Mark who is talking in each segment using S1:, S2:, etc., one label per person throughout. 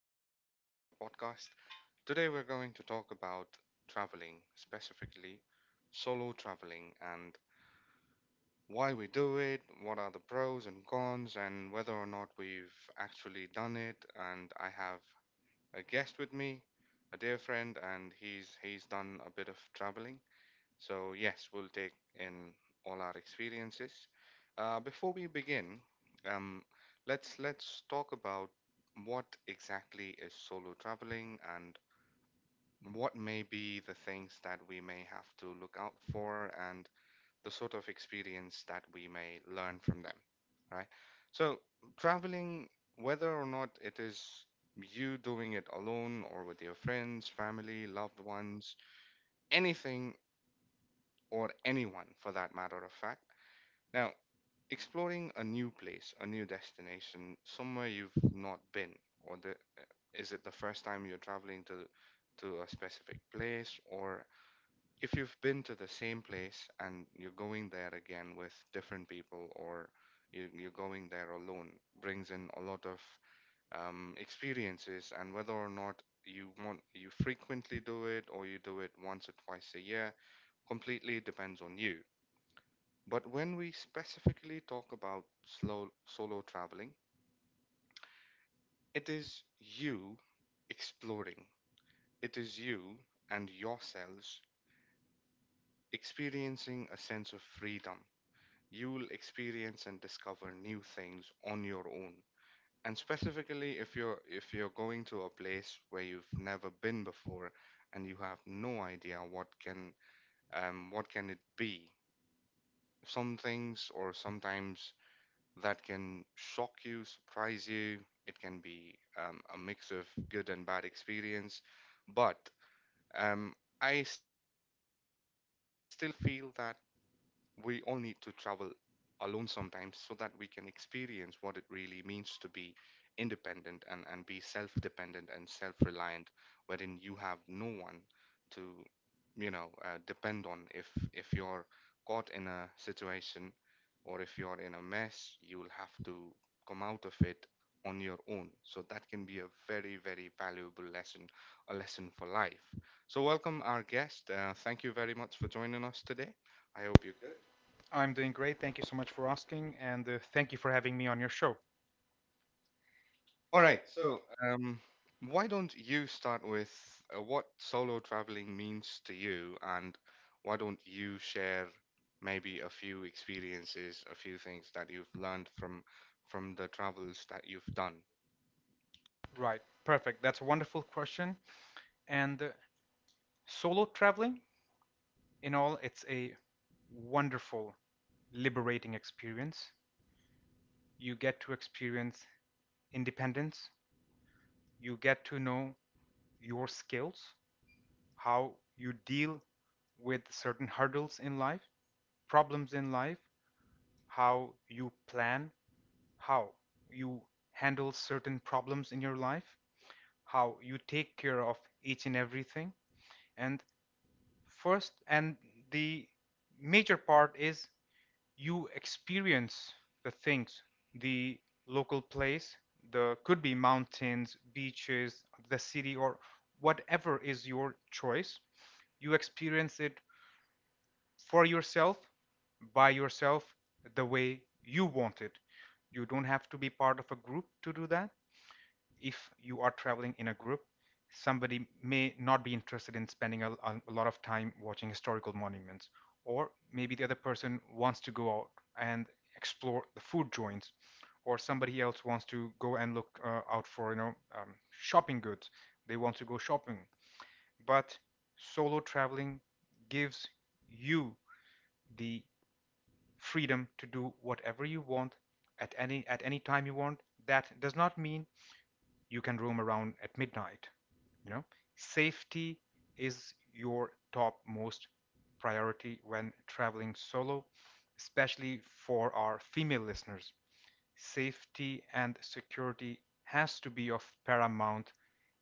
S1: Another day, another podcast. Today, we're going to talk about traveling, specifically solo traveling, and why we do it, what are the pros and cons, and whether or not we've actually done it. And I have a guest with me, a dear friend, and he's done a bit of traveling. So, yes, we'll take in all our experiences. Before we begin, um, let's talk about what exactly is solo traveling and what may be the things that we may have to look out for and the sort of experience that we may learn from them, right? So, traveling, whether or not it is you doing it alone or with your friends, family, loved ones, anything or anyone for that matter of fact. Now, exploring a new place, a new destination, somewhere you've not been, or the is it the first time you're traveling to a specific place, or if you've been to the same place and you're going there again with different people, or you're going there alone, brings in a lot of experiences, and whether or not you frequently do it or you do it once or twice a year completely depends on you, but when we specifically talk about slow solo traveling, it is you exploring. It is you and yourselves experiencing a sense of freedom. You'll experience and discover new things on your own. And specifically if you're going to a place where you've never been before and you have no idea what can it be. Some things or sometimes that can shock you, surprise you. It can be a mix of good and bad experience. But um, I still feel that we all need to travel alone sometimes so that we can experience what it really means to be independent and be self dependent and self reliant, wherein you have no one to depend on. If you're caught in a situation or if you're in a mess, you'll have to come out of it on your own. So that can be a very, very valuable lesson, a lesson for life. So, welcome our guest. Thank you very much for joining us today. I hope you.
S2: I'm doing great. Thank you so much for asking, and thank you for having me on your show.
S1: All
S2: All
S1: right.
S2: right, so
S1: So, um, why don't you start with what solo traveling means to you, and why don't you share maybe a few experiences, a few things that you've learned from the travels that you've done?
S2: Right, perfect. That's a wonderful question. And Solo traveling, in all, it's a wonderful, liberating experience. You get to experience independence, you get to know your skills, how you deal with certain hurdles in life, problems in life, how you plan, how you handle certain problems in your life, how you take care of each and everything. And first, and the major part is you experience the things, the local place, the could be mountains, beaches, the city, or whatever is your choice. You experience it for yourself, by yourself, the way you want it. You don't have to be part of a group to do that. If you are traveling in a group, somebody may not be interested in spending a lot of time watching historical monuments, or maybe the other person wants to go out and explore the food joints, or somebody else wants to go and look out for shopping goods. They want to go shopping, but solo traveling gives you the freedom to do whatever you want at any time you want. That does not mean you can roam around at midnight. You know, safety is your topmost priority when traveling solo, especially for our female listeners. Safety and security has to be of paramount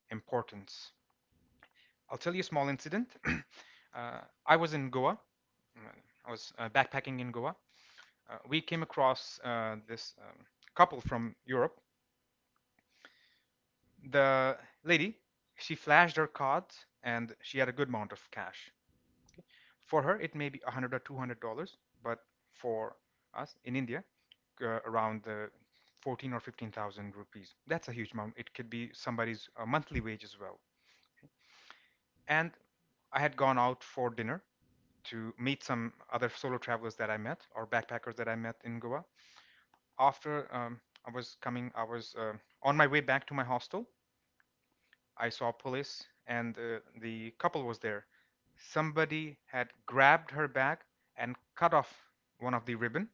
S2: importance. I'll tell you a small incident. uh, I was in Goa. Mm, I was backpacking in Goa. We came across this couple from Europe. The lady, she flashed her cards and she had a good amount of cash. For her it may be 100 or $200, but for us in India, around the 14 or 15,000 rupees. That's a huge amount. It could be somebody's monthly wage as well. And I had gone out for dinner to meet some other solo travelers that I met, or backpackers that I met in Goa. After I was coming, I was on my way back to my hostel. I saw police and the couple was there. Somebody had grabbed her bag and cut off one of the ribbon,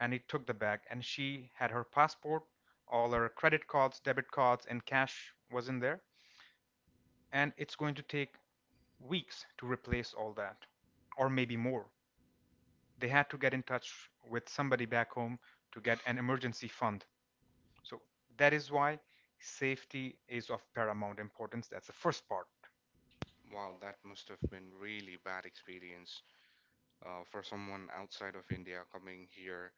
S2: and he took the bag, and she had her passport. All her credit cards, debit cards and cash was in there, and it's going to take weeks to replace all that, or maybe more. They had to get in touch with somebody back home to get an emergency fund. So that is why safety is of paramount importance. That's the first part.
S1: Wow, that must have been really bad experience for someone outside of India coming here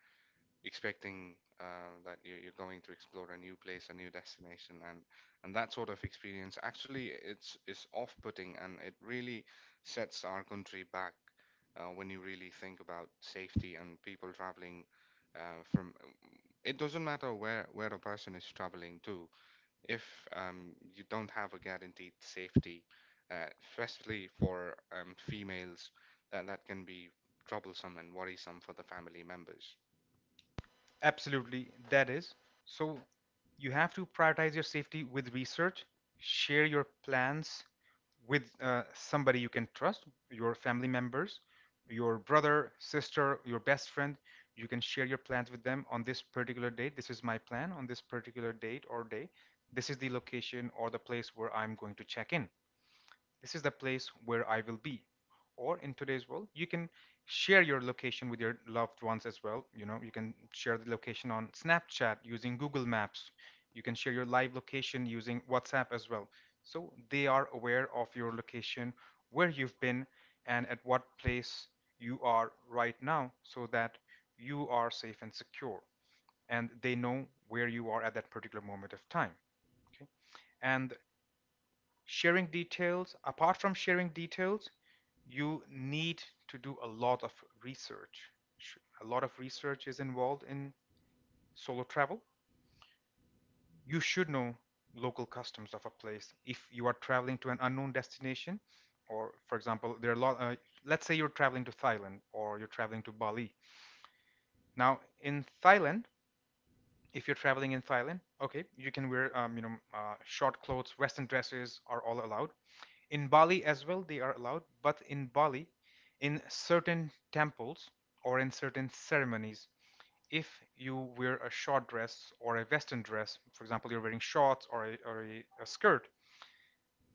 S1: expecting that you're going to explore a new place, a new destination, and that sort of experience, actually it's off-putting and it really sets our country back when you really think about safety and people traveling from. It doesn't matter where a person is traveling to, if you don't have a guaranteed safety, especially for females, that that can be troublesome and worrisome for the family members.
S2: Absolutely, that is. So you have to prioritize your safety with research. Share your plans with somebody you can trust, your family members, your brother, sister, your best friend. You can share your plans with them on this particular date. This is my plan on this particular date or day. This is the location or the place where I'm going to check in. This is the place where I will be. Or in today's world, you can share your location with your loved ones as well. You know, you can share the location on Snapchat using Google Maps. You can share your live location using WhatsApp as well. So they are aware of your location, where you've been, and at what place you are right now, so that you are safe and secure and they know where you are at that particular moment of time. Okay? And sharing details, apart from sharing details, you need to do a lot of research. A lot of research is involved in solo travel. You should know local customs of a place. If you are traveling to an unknown destination, or for example, there are a lot, let's say you're traveling to Thailand or you're traveling to Bali. Now, in Thailand, if you're traveling in Thailand, okay, you can wear, short clothes, Western dresses are all allowed. In Bali as well, they are allowed, but in Bali, in certain temples or in certain ceremonies, if you wear a short dress or a Western dress, for example, you're wearing shorts or a skirt,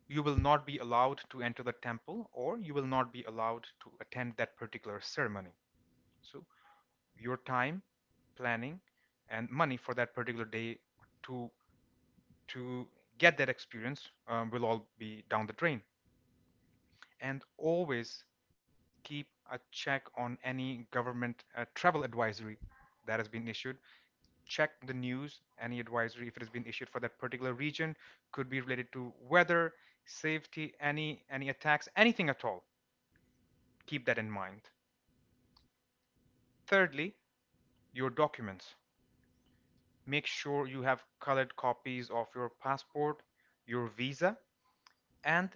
S2: you will not be allowed to enter the temple, or you will not be allowed to attend that particular ceremony. So, your time, planning, and money for that particular day to to get that experience will all be down the drain. And always keep a check on any government travel advisory that has been issued. Check the news, any advisory, if it has been issued for that particular region. Could be related to weather, safety, any attacks, anything at all. Keep that in mind. Thirdly, your documents. Make sure you have colored copies of your passport, your visa, and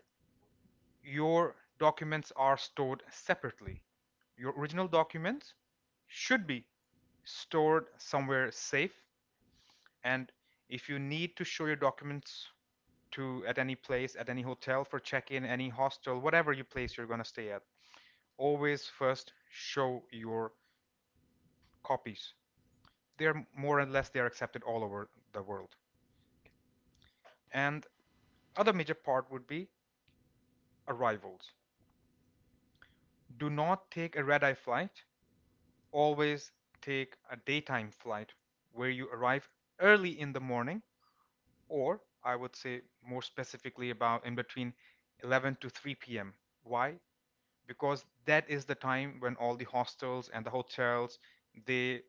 S2: your documents are stored separately. Your original documents should be stored somewhere safe. And if you need to show your documents to at any place, at any hotel for check-in, any hostel, whatever you place you're gonna stay at, always first show your copies. They're more or less they are accepted all over the world. And other major part would be arrivals. Do not take a red-eye flight. Always take a daytime flight where you arrive early in the morning, or I would say more specifically about in between 11 to 3 p.m. Why? Because that is the time when all the hostels and the hotels, they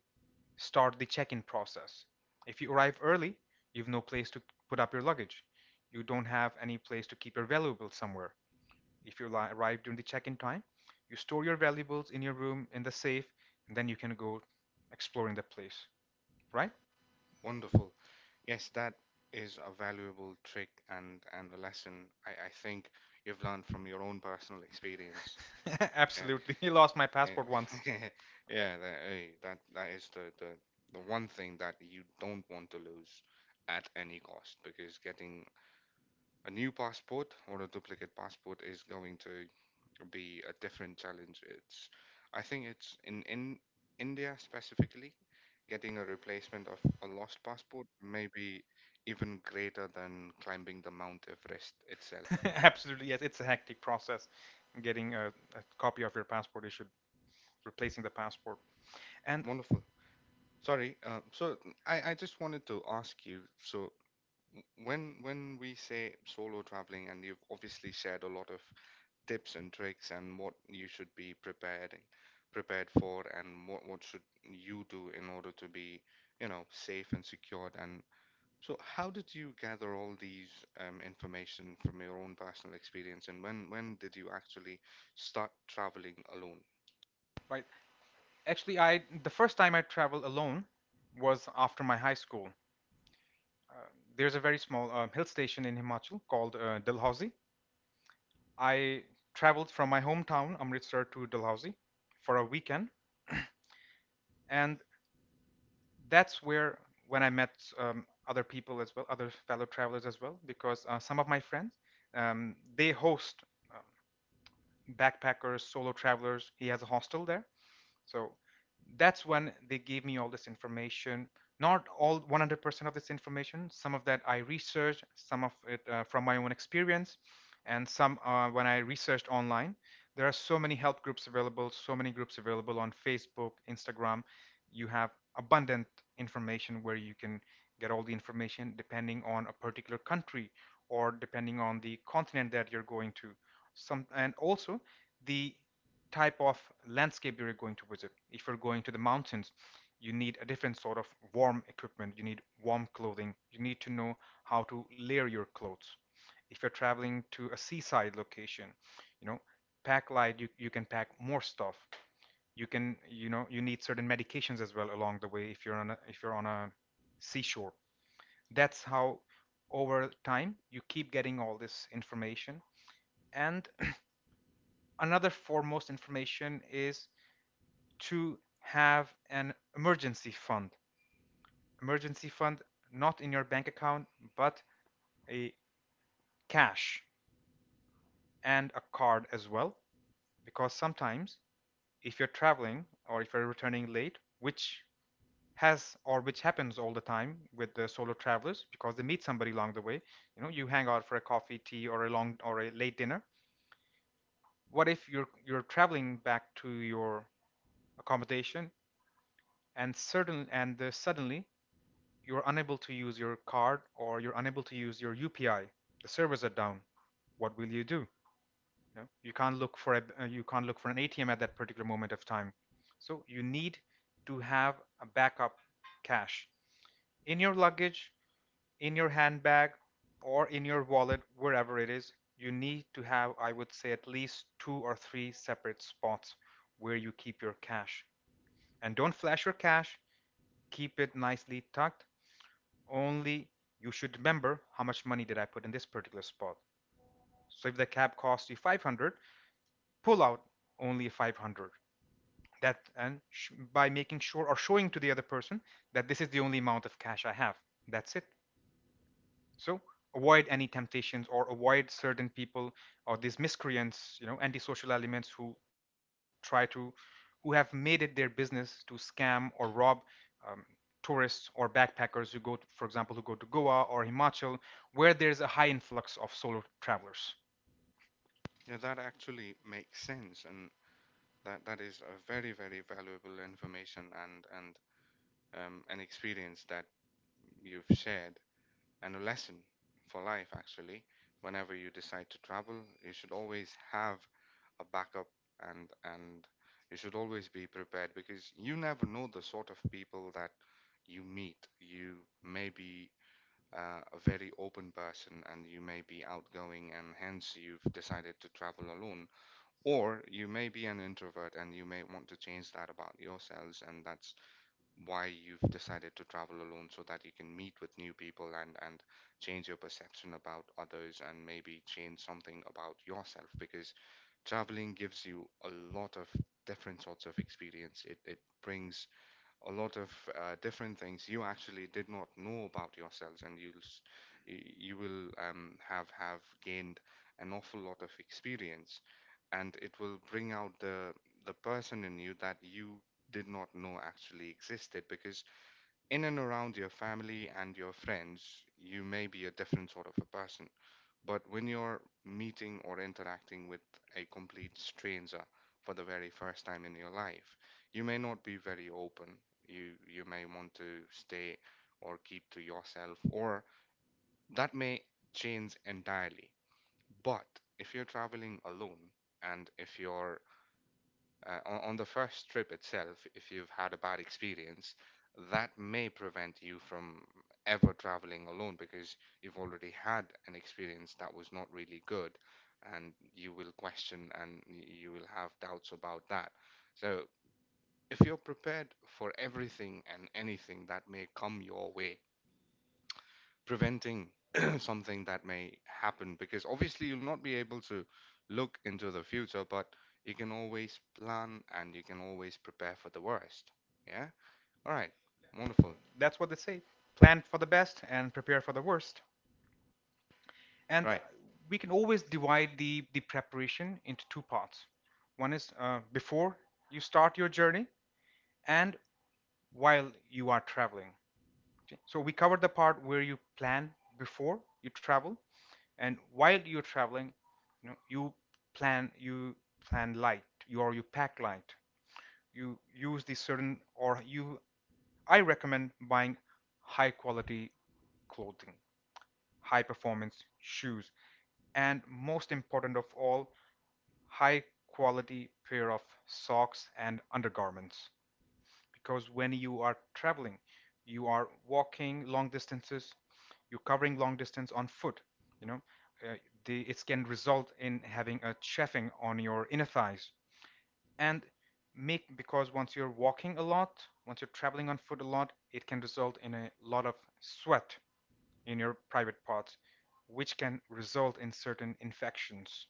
S2: start the check-in process. If you arrive early, you've no place to put up your luggage. You don't have any place to keep your valuables somewhere. If you arrive during the check-in time, you store your valuables in your room in the safe, and then you can go exploring the place, right?
S1: Wonderful. Yes, that is a valuable trick and a lesson, I think you've learned from your own personal experience.
S2: Absolutely. He lost my
S1: Yeah,
S2: passport once.
S1: yeah, yeah, that, eh, that that is the one thing that you don't want to lose at any cost, because getting a new passport or a duplicate passport is going to be a different challenge. I think it's in India specifically, getting a replacement of a lost passport may be even greater than climbing the Mount Everest itself.
S2: Absolutely, yes. It's a hectic process getting a copy of your passport issued, replacing the passport. And
S1: Wonderful. Sorry. So I just wanted to ask you. So when we say solo traveling, and you've obviously shared a lot of tips and tricks and what you should be prepared for and what should you do in order to be, you know, safe and secured, and so how did you gather all these information from your own personal experience, and when did you actually start traveling alone?
S2: right, actually, I the first time I traveled alone was after my high school. Uh, there's a very small hill station in Himachal called Dalhousie. I traveled from my hometown Amritsar to Dalhousie for a weekend, and that's where when I met other people as well, other fellow travelers as well, because some of my friends, they host um, backpackers, solo travelers. He has a hostel there, so that's when they gave me all this information. Not all 100% of this information. Some of that I researched, some of it from my own experience, and some when I researched online. There are so many help groups available, so many groups available on Facebook, Instagram. You have abundant information where you can get all the information depending on a particular country, or depending on the continent that you're going to. Some and also the type of landscape you're going to visit. If you're going to the mountains, you need a different sort of warm equipment. You need warm clothing. You need to know how to layer your clothes. If you're traveling to a seaside location, you know, pack light, you can pack more stuff. You can, you know, you need certain medications as well along the way if you're on a if you're on a seashore. That's how over time you keep getting all this information. And another foremost information is to have an emergency fund. Emergency fund not in your bank account, but a cash and a card as well. Because sometimes if you're traveling or if you're returning late, which has or which happens all the time with the solo travelers, because they meet somebody along the way. You know, you hang out for a coffee tea or a long or a late dinner. What if you're traveling back to your accommodation, and certain and suddenly you're unable to use your card, or you're unable to use your UPI. The servers are down. What will you do? You know, you can't look for a you can't look for an ATM at that particular moment of time. So you need to have a backup cash in your luggage, in your handbag, or in your wallet, wherever it is. You need to have, I would say, at least two or three separate spots where you keep your cash. And don't flash your cash. Keep it nicely tucked. Only you should remember how much money did I put in this particular spot. So if the cab costs you 500, pull out only 500. By making sure or showing to the other person that this is the only amount of cash I have. That's it, so avoid any temptations or avoid certain people or these miscreants, you know, antisocial elements who try to, who have made it their business to scam or rob um, tourists or backpackers who go to, for example, who go to Goa or Himachal where there's a high influx of solo travelers.
S1: You know, that actually makes sense, and that that is a very, very valuable information and an experience that you've shared, and a lesson for life, actually. Whenever you decide to travel, you should always have a backup and you should always be prepared, because you never know the sort of people that you meet. You may be a very open person, and you may be outgoing, and hence you've decided to travel alone, or you may be an introvert and you may want to change that about yourselves, and that's why you've decided to travel alone so that you can meet with new people and change your perception about others, and maybe change something about yourself, because traveling gives you a lot of different sorts of experience. It brings a lot of different things you actually did not know about yourselves, and you will have gained an awful lot of experience, and it will bring out the person in you that you did not know actually existed, because in and around your family and your friends, you may be a different sort of a person. But when you're meeting or interacting with a complete stranger for the very first time in your life, you may not be very open. You may want to stay or keep to yourself, or that may change entirely. But if you're traveling alone, and if you're on the first trip itself, if you've had a bad experience, that may prevent you from ever traveling alone, because you've already had an experience that was not really good, and you will question, and you will have doubts about that. So, if you're prepared for everything and anything that may come your way, preventing something that may happen, because obviously you'll not be able to look into the future, but you can always plan and you can always prepare for the worst. Yeah. All right. Wonderful.
S2: That's what they say: plan for the best and prepare for the worst. And
S1: Right.
S2: We can always divide the preparation into two parts. One is before you start your journey, and while you are traveling. Okay? So we covered the part where you plan before you travel, and while you're traveling, you know, you plan light, you or you pack light. You use the certain or you I recommend buying high quality clothing, high performance shoes, and most important of all, high quality pair of socks and undergarments, because when you are traveling, you are walking long distances, you're covering long distance on foot, you know, uh, it can result in having a chafing on your inner thighs and make because once you're walking a lot, once you're traveling on foot a lot, it can result in a lot of sweat in your private parts, which can result in certain infections.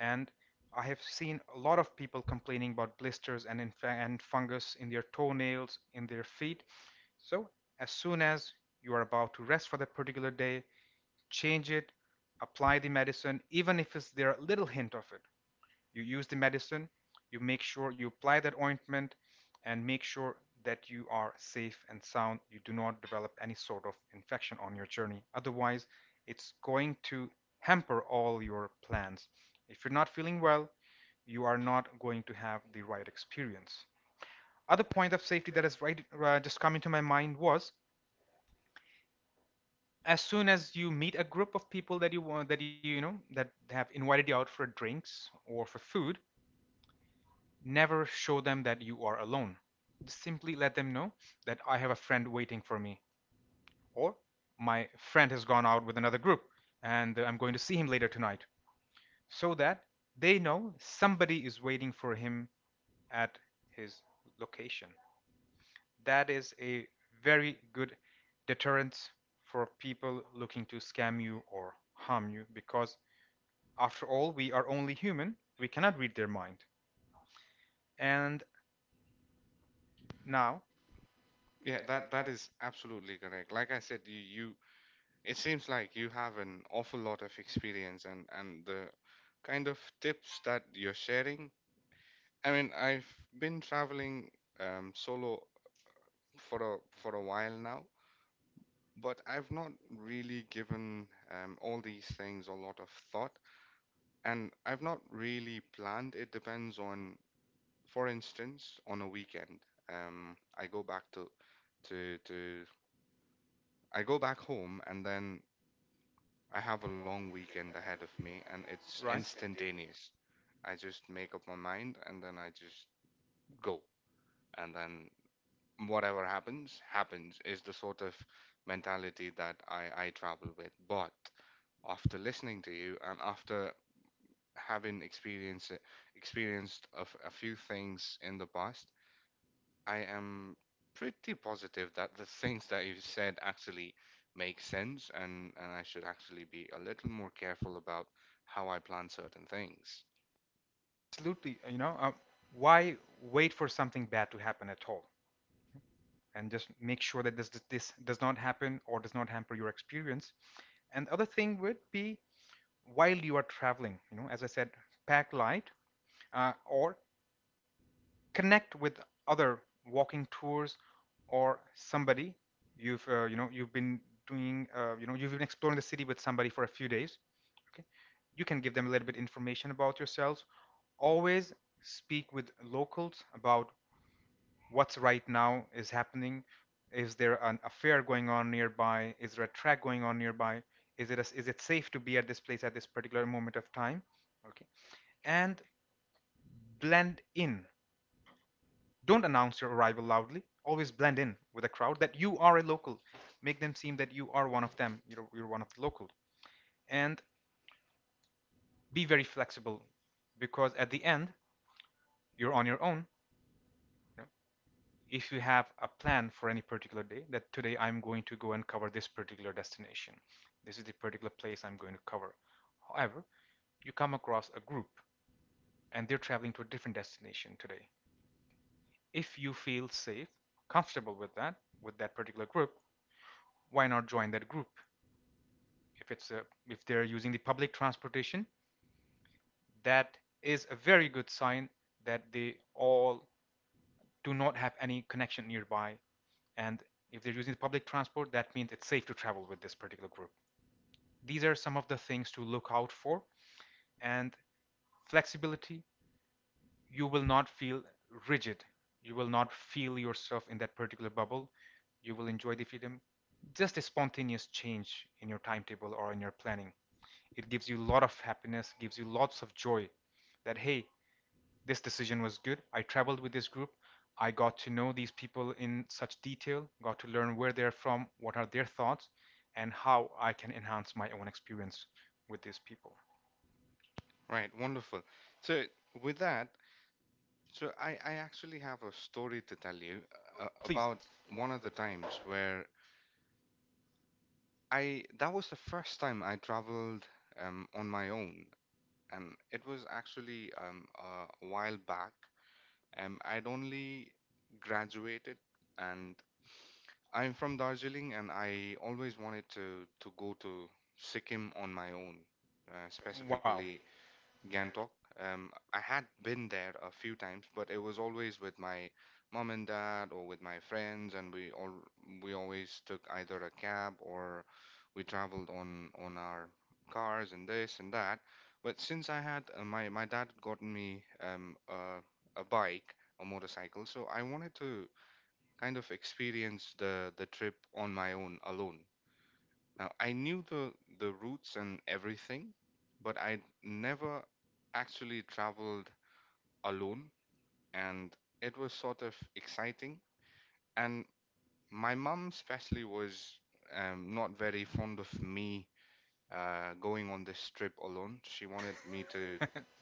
S2: And I have seen a lot of people complaining about blisters and, and fungus in their toenails, in their feet. So as soon as you are about to rest for that particular day, change it, apply the medicine, even if it's there a little hint of it. You use the medicine, you make sure you apply that ointment, and make sure that you are safe and sound. You do not develop any sort of infection on your journey. Otherwise, it's going to hamper all your plans. If you're not feeling well, you are not going to have the right experience. Other point of safety that has right, just come into my mind was, as soon as you meet a group of people that you know, that have invited you out for drinks or for food, never show them that you are alone. Simply let them know that I have a friend waiting for me, or my friend has gone out with another group and I'm going to see him later tonight, so that they know somebody is waiting for him at his location. That is a very good deterrent for people looking to scam you or harm you, because after all, we are only human. We cannot read their mind. And now,
S1: Yeah.
S2: yeah,
S1: That
S2: that
S1: that
S2: that's
S1: is absolutely correct. Like I said, you it seems like you have an awful lot of experience, and the kind of tips that you're sharing. I mean, I've been traveling solo for a while now, but I've not really given all these things a lot of thought, and I've not really planned. It depends on, for instance, on a weekend, I go back to, I go back home, and then I have a long weekend ahead of me, and it's
S2: right?
S1: instantaneous. I just make up my mind, and then I just go, and then whatever happens, happens is the sort of mentality that I travel with. But after listening to you and after having experienced experienced a few things in the past, I am pretty positive that the things that you said actually make sense, and I should actually be a little more careful about how I plan certain things.
S2: Absolutely. You know, why wait for something bad to happen at all? And just make sure that this does not happen or does not hamper your experience. And the other thing would be while you are traveling. You know, as I said, pack light, or connect with other walking tours, or somebody you've, you know, you've been doing, you know, you've been exploring the city with somebody for a few days. Okay, you can give them a little bit information about yourselves. Always speak with locals about what's right now is happening. Is there an affair going on nearby, is there a track going on nearby, is it a, is it safe to be at this place at this particular moment of time? Okay. And blend in. Don't announce your arrival loudly, always blend in with a crowd that you are a local. Make them seem that you are one of them, you're one of the locals. And be very flexible, because at the end, you're on your own. You know, if you have a plan for any particular day that today I'm going to go and cover this particular destination, this is the particular place I'm going to cover, however, you come across a group and they're traveling to a different destination today, if you feel safe, comfortable with that, with that particular group, why not join that group? If it's a, If they're using the public transportation, that is a very good sign that they all do not have any connection nearby. And if they're using public transport, that means it's safe to travel with this particular group. These are some of the things to look out for. And flexibility, you will not feel rigid. You will not feel yourself in that particular bubble. You will enjoy the freedom. Just a spontaneous change in your timetable or in your planning. It gives you a lot of happiness, gives you lots of joy that, hey, this decision was good. I traveled with this group. I got to know these people in such detail, got to learn where they're from, what are their thoughts, and how I can enhance my own experience with these people.
S1: Right, wonderful. So with that, I actually have a story to tell you
S2: Please.
S1: about one of the times where I that was the first time I traveled on my own, and it was actually a while back. I'd only graduated, and I'm from Darjeeling, and I always wanted to go to Sikkim on my own,
S2: Wow.
S1: specifically Gantok. I had been there a few times, but it was always with my mom and dad or with my friends, and we always took either a cab or we traveled on our cars and this and that. But since I had, my dad had gotten me, a bike, a motorcycle, so I wanted to kind of experience the trip on my own alone. Now, I knew the routes and everything, but I never actually traveled alone, and it was sort of exciting. And my mum especially was not very fond of me going on this trip alone. She wanted me to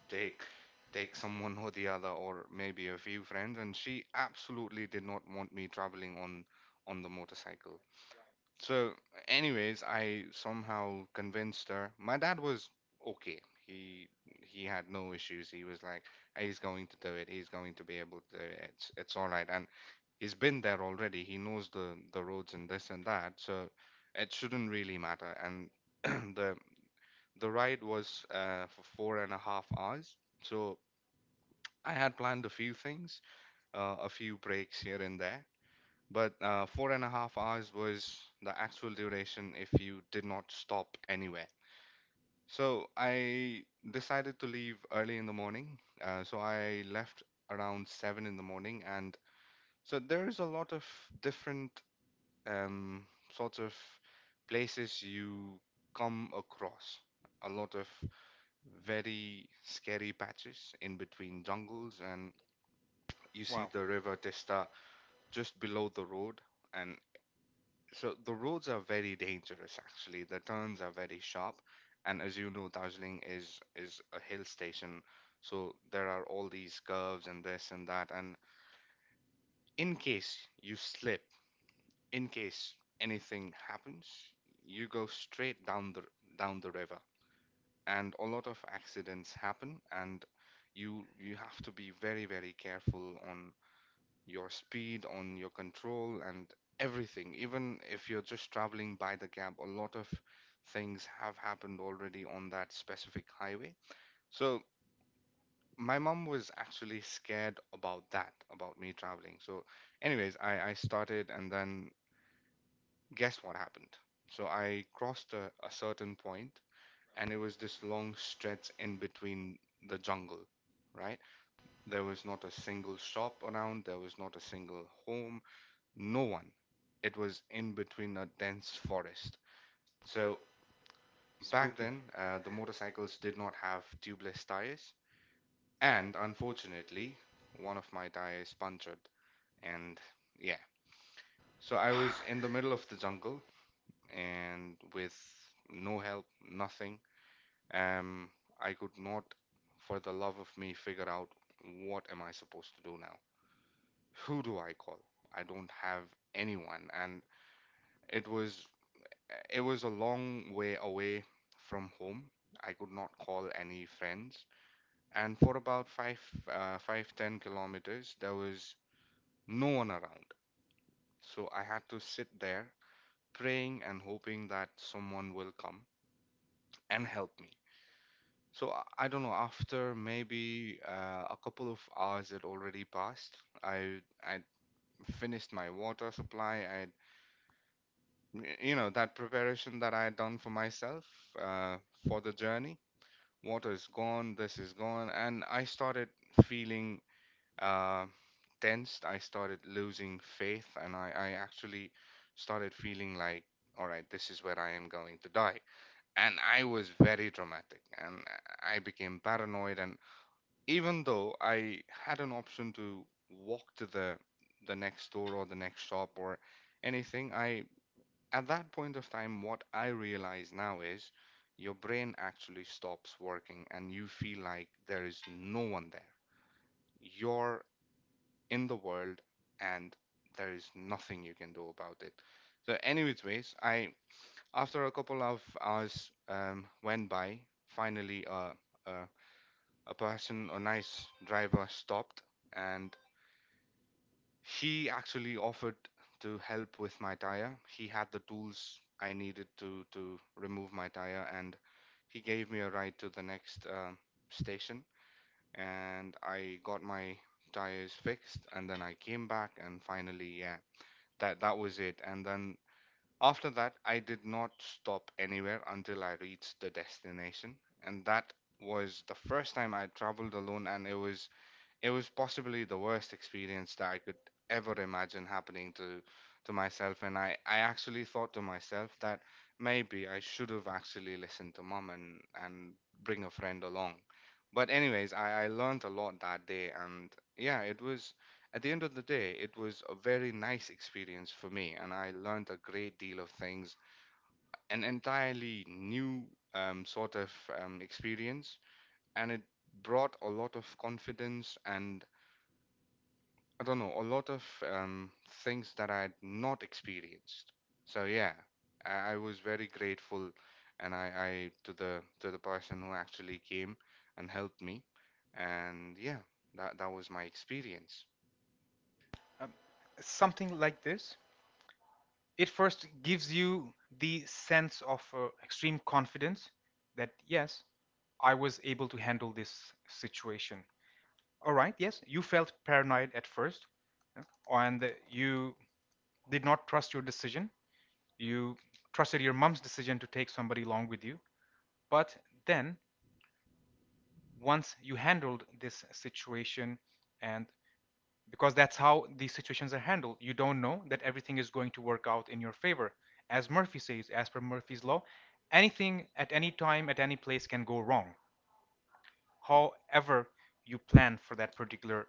S1: take take someone or the other, or maybe a few friends, and she absolutely did not want me traveling on the motorcycle. So, anyways, I somehow convinced her. My dad was okay. He he had no issues. He was like, he's going to do it. He's going to be able to do it. It's all right. And he's been there already. He knows the roads and this and that. So it shouldn't really matter. And the the ride was for 4.5 hours. So I had planned a few things, a few breaks here and there. But 4.5 hours was the actual duration if you did not stop anywhere. So I decided to leave early in the morning. So I left around 7 in the morning, and so there is a lot of different um, sorts of places you come across. A lot of very scary patches in between jungles, and you see
S2: Wow.
S1: the river Testa just below the road. And so the roads are very dangerous, actually. The turns are very sharp, and as you know, Darjeeling is a hill station, so there are all these curves and this and that. And in case you slip, in case anything happens, you go straight down the river, and a lot of accidents happen. And you have to be very very careful on your speed, on your control, and everything. Even if you're just traveling by the cab, a lot of things have happened already on that specific highway. So my mom was actually scared about that, about me traveling. So, anyways, I started, and then guess what happened? So I crossed a certain point, and it was this long stretch in between the jungle, right? There was not a single shop around, there was not a single home, no one. It was in between a dense forest. So back
S2: Spooky.
S1: then, the motorcycles did not have tubeless tires, and unfortunately, one of my tires punctured. And yeah, so I was in the middle of the jungle and with no help, nothing. Um, I could not, for the love of me, figure out what am I supposed to do now? Who do I call? I don't have anyone, and it was it was a long way away from home. I could not call any friends, and for about five, 10 kilometers, there was no one around. So I had to sit there praying and hoping that someone will come and help me. So I don't know. After maybe a couple of hours had already passed, I finished my water supply. I that preparation that I had done for myself, uh, for the journey. Water is gone, this is gone. And I started feeling, uh, tensed. I started losing faith, and I actually started feeling like, all right, this is where I am going to die. And I was very dramatic, and I became paranoid. And even though I had an option to walk to the next store or the next shop or anything, I, at that point of time, what I realize now is your brain actually stops working and you feel like there is no one there. You're in the world and there is nothing you can do about it. So, anyways, ways, I, after a couple of hours went by, finally uh, a person, a nice driver, stopped and he actually offered to help with my tire. He had the tools I needed to remove my tire, and he gave me a ride to the next station. And I got my tires fixed, and then I came back, and finally, yeah, that was it. And then after that, I did not stop anywhere until I reached the destination, and that was the first time I traveled alone, and it was possibly the worst experience that I could ever imagine happening to myself. And I actually thought to myself that maybe I should have actually listened to mom and bring a friend along. But anyways, I learned a lot that day, and yeah, it was at the end of the day it was a very nice experience for me, and I learned a great deal of things, an entirely new sort of experience, and it brought a lot of confidence and, I don't know, a lot of um, things that I had not experienced. So yeah, I was very grateful, and I, to the person who actually came and helped me, and yeah, that was my experience.
S2: Um, Something like this. It first gives you the sense of extreme confidence that, yes, I was able to handle this situation. All right, yes, you felt paranoid at first, yeah, and you did not trust your decision. You trusted your mom's decision to take somebody along with you. But then, once you handled this situation, and because that's how these situations are handled, you don't know that everything is going to work out in your favor. As Murphy says, as per Murphy's law, anything at any time, at any place can go wrong, however you plan for that particular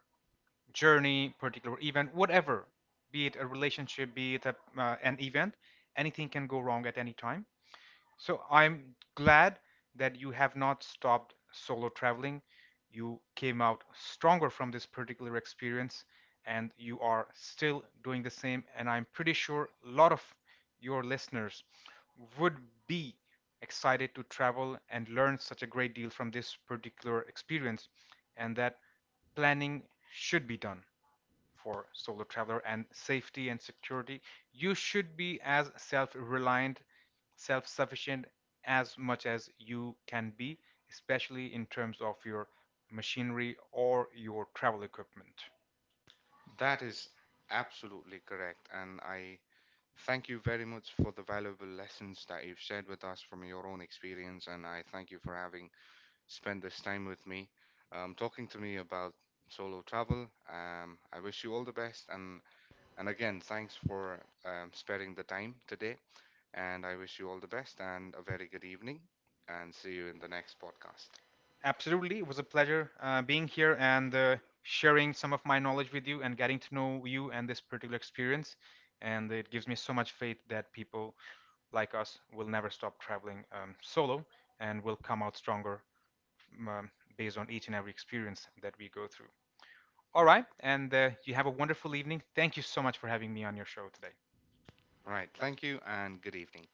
S2: journey, particular event, whatever, be it a relationship, be it a, an event, anything can go wrong at any time. So I'm glad that you have not stopped solo traveling. You came out stronger from this particular experience and you are still doing the same. And I'm pretty sure a lot of your listeners would be excited to travel and learn such a great deal from this particular experience, and that planning should be done for solo traveler and safety and security. You should be as self reliant, self sufficient as much as you can be, especially in terms of your machinery or your travel equipment.
S1: That is absolutely correct, and I thank you very much for the valuable lessons that you've shared with us from your own experience, and I thank you for having spend this time with me, talking to me about solo travel. I wish you all the best, and again, thanks for sparing the time today. And I wish you all the best and a very good evening. And see you in the next podcast.
S2: Absolutely, it was a pleasure being here and sharing some of my knowledge with you and getting to know you and this particular experience. And it gives me so much faith that people like us will never stop traveling solo and will come out stronger, um, based on each and every experience that we go through. All right. And you have a wonderful evening. Thank you so much for having me on your show today.
S1: All right, thank you and good evening.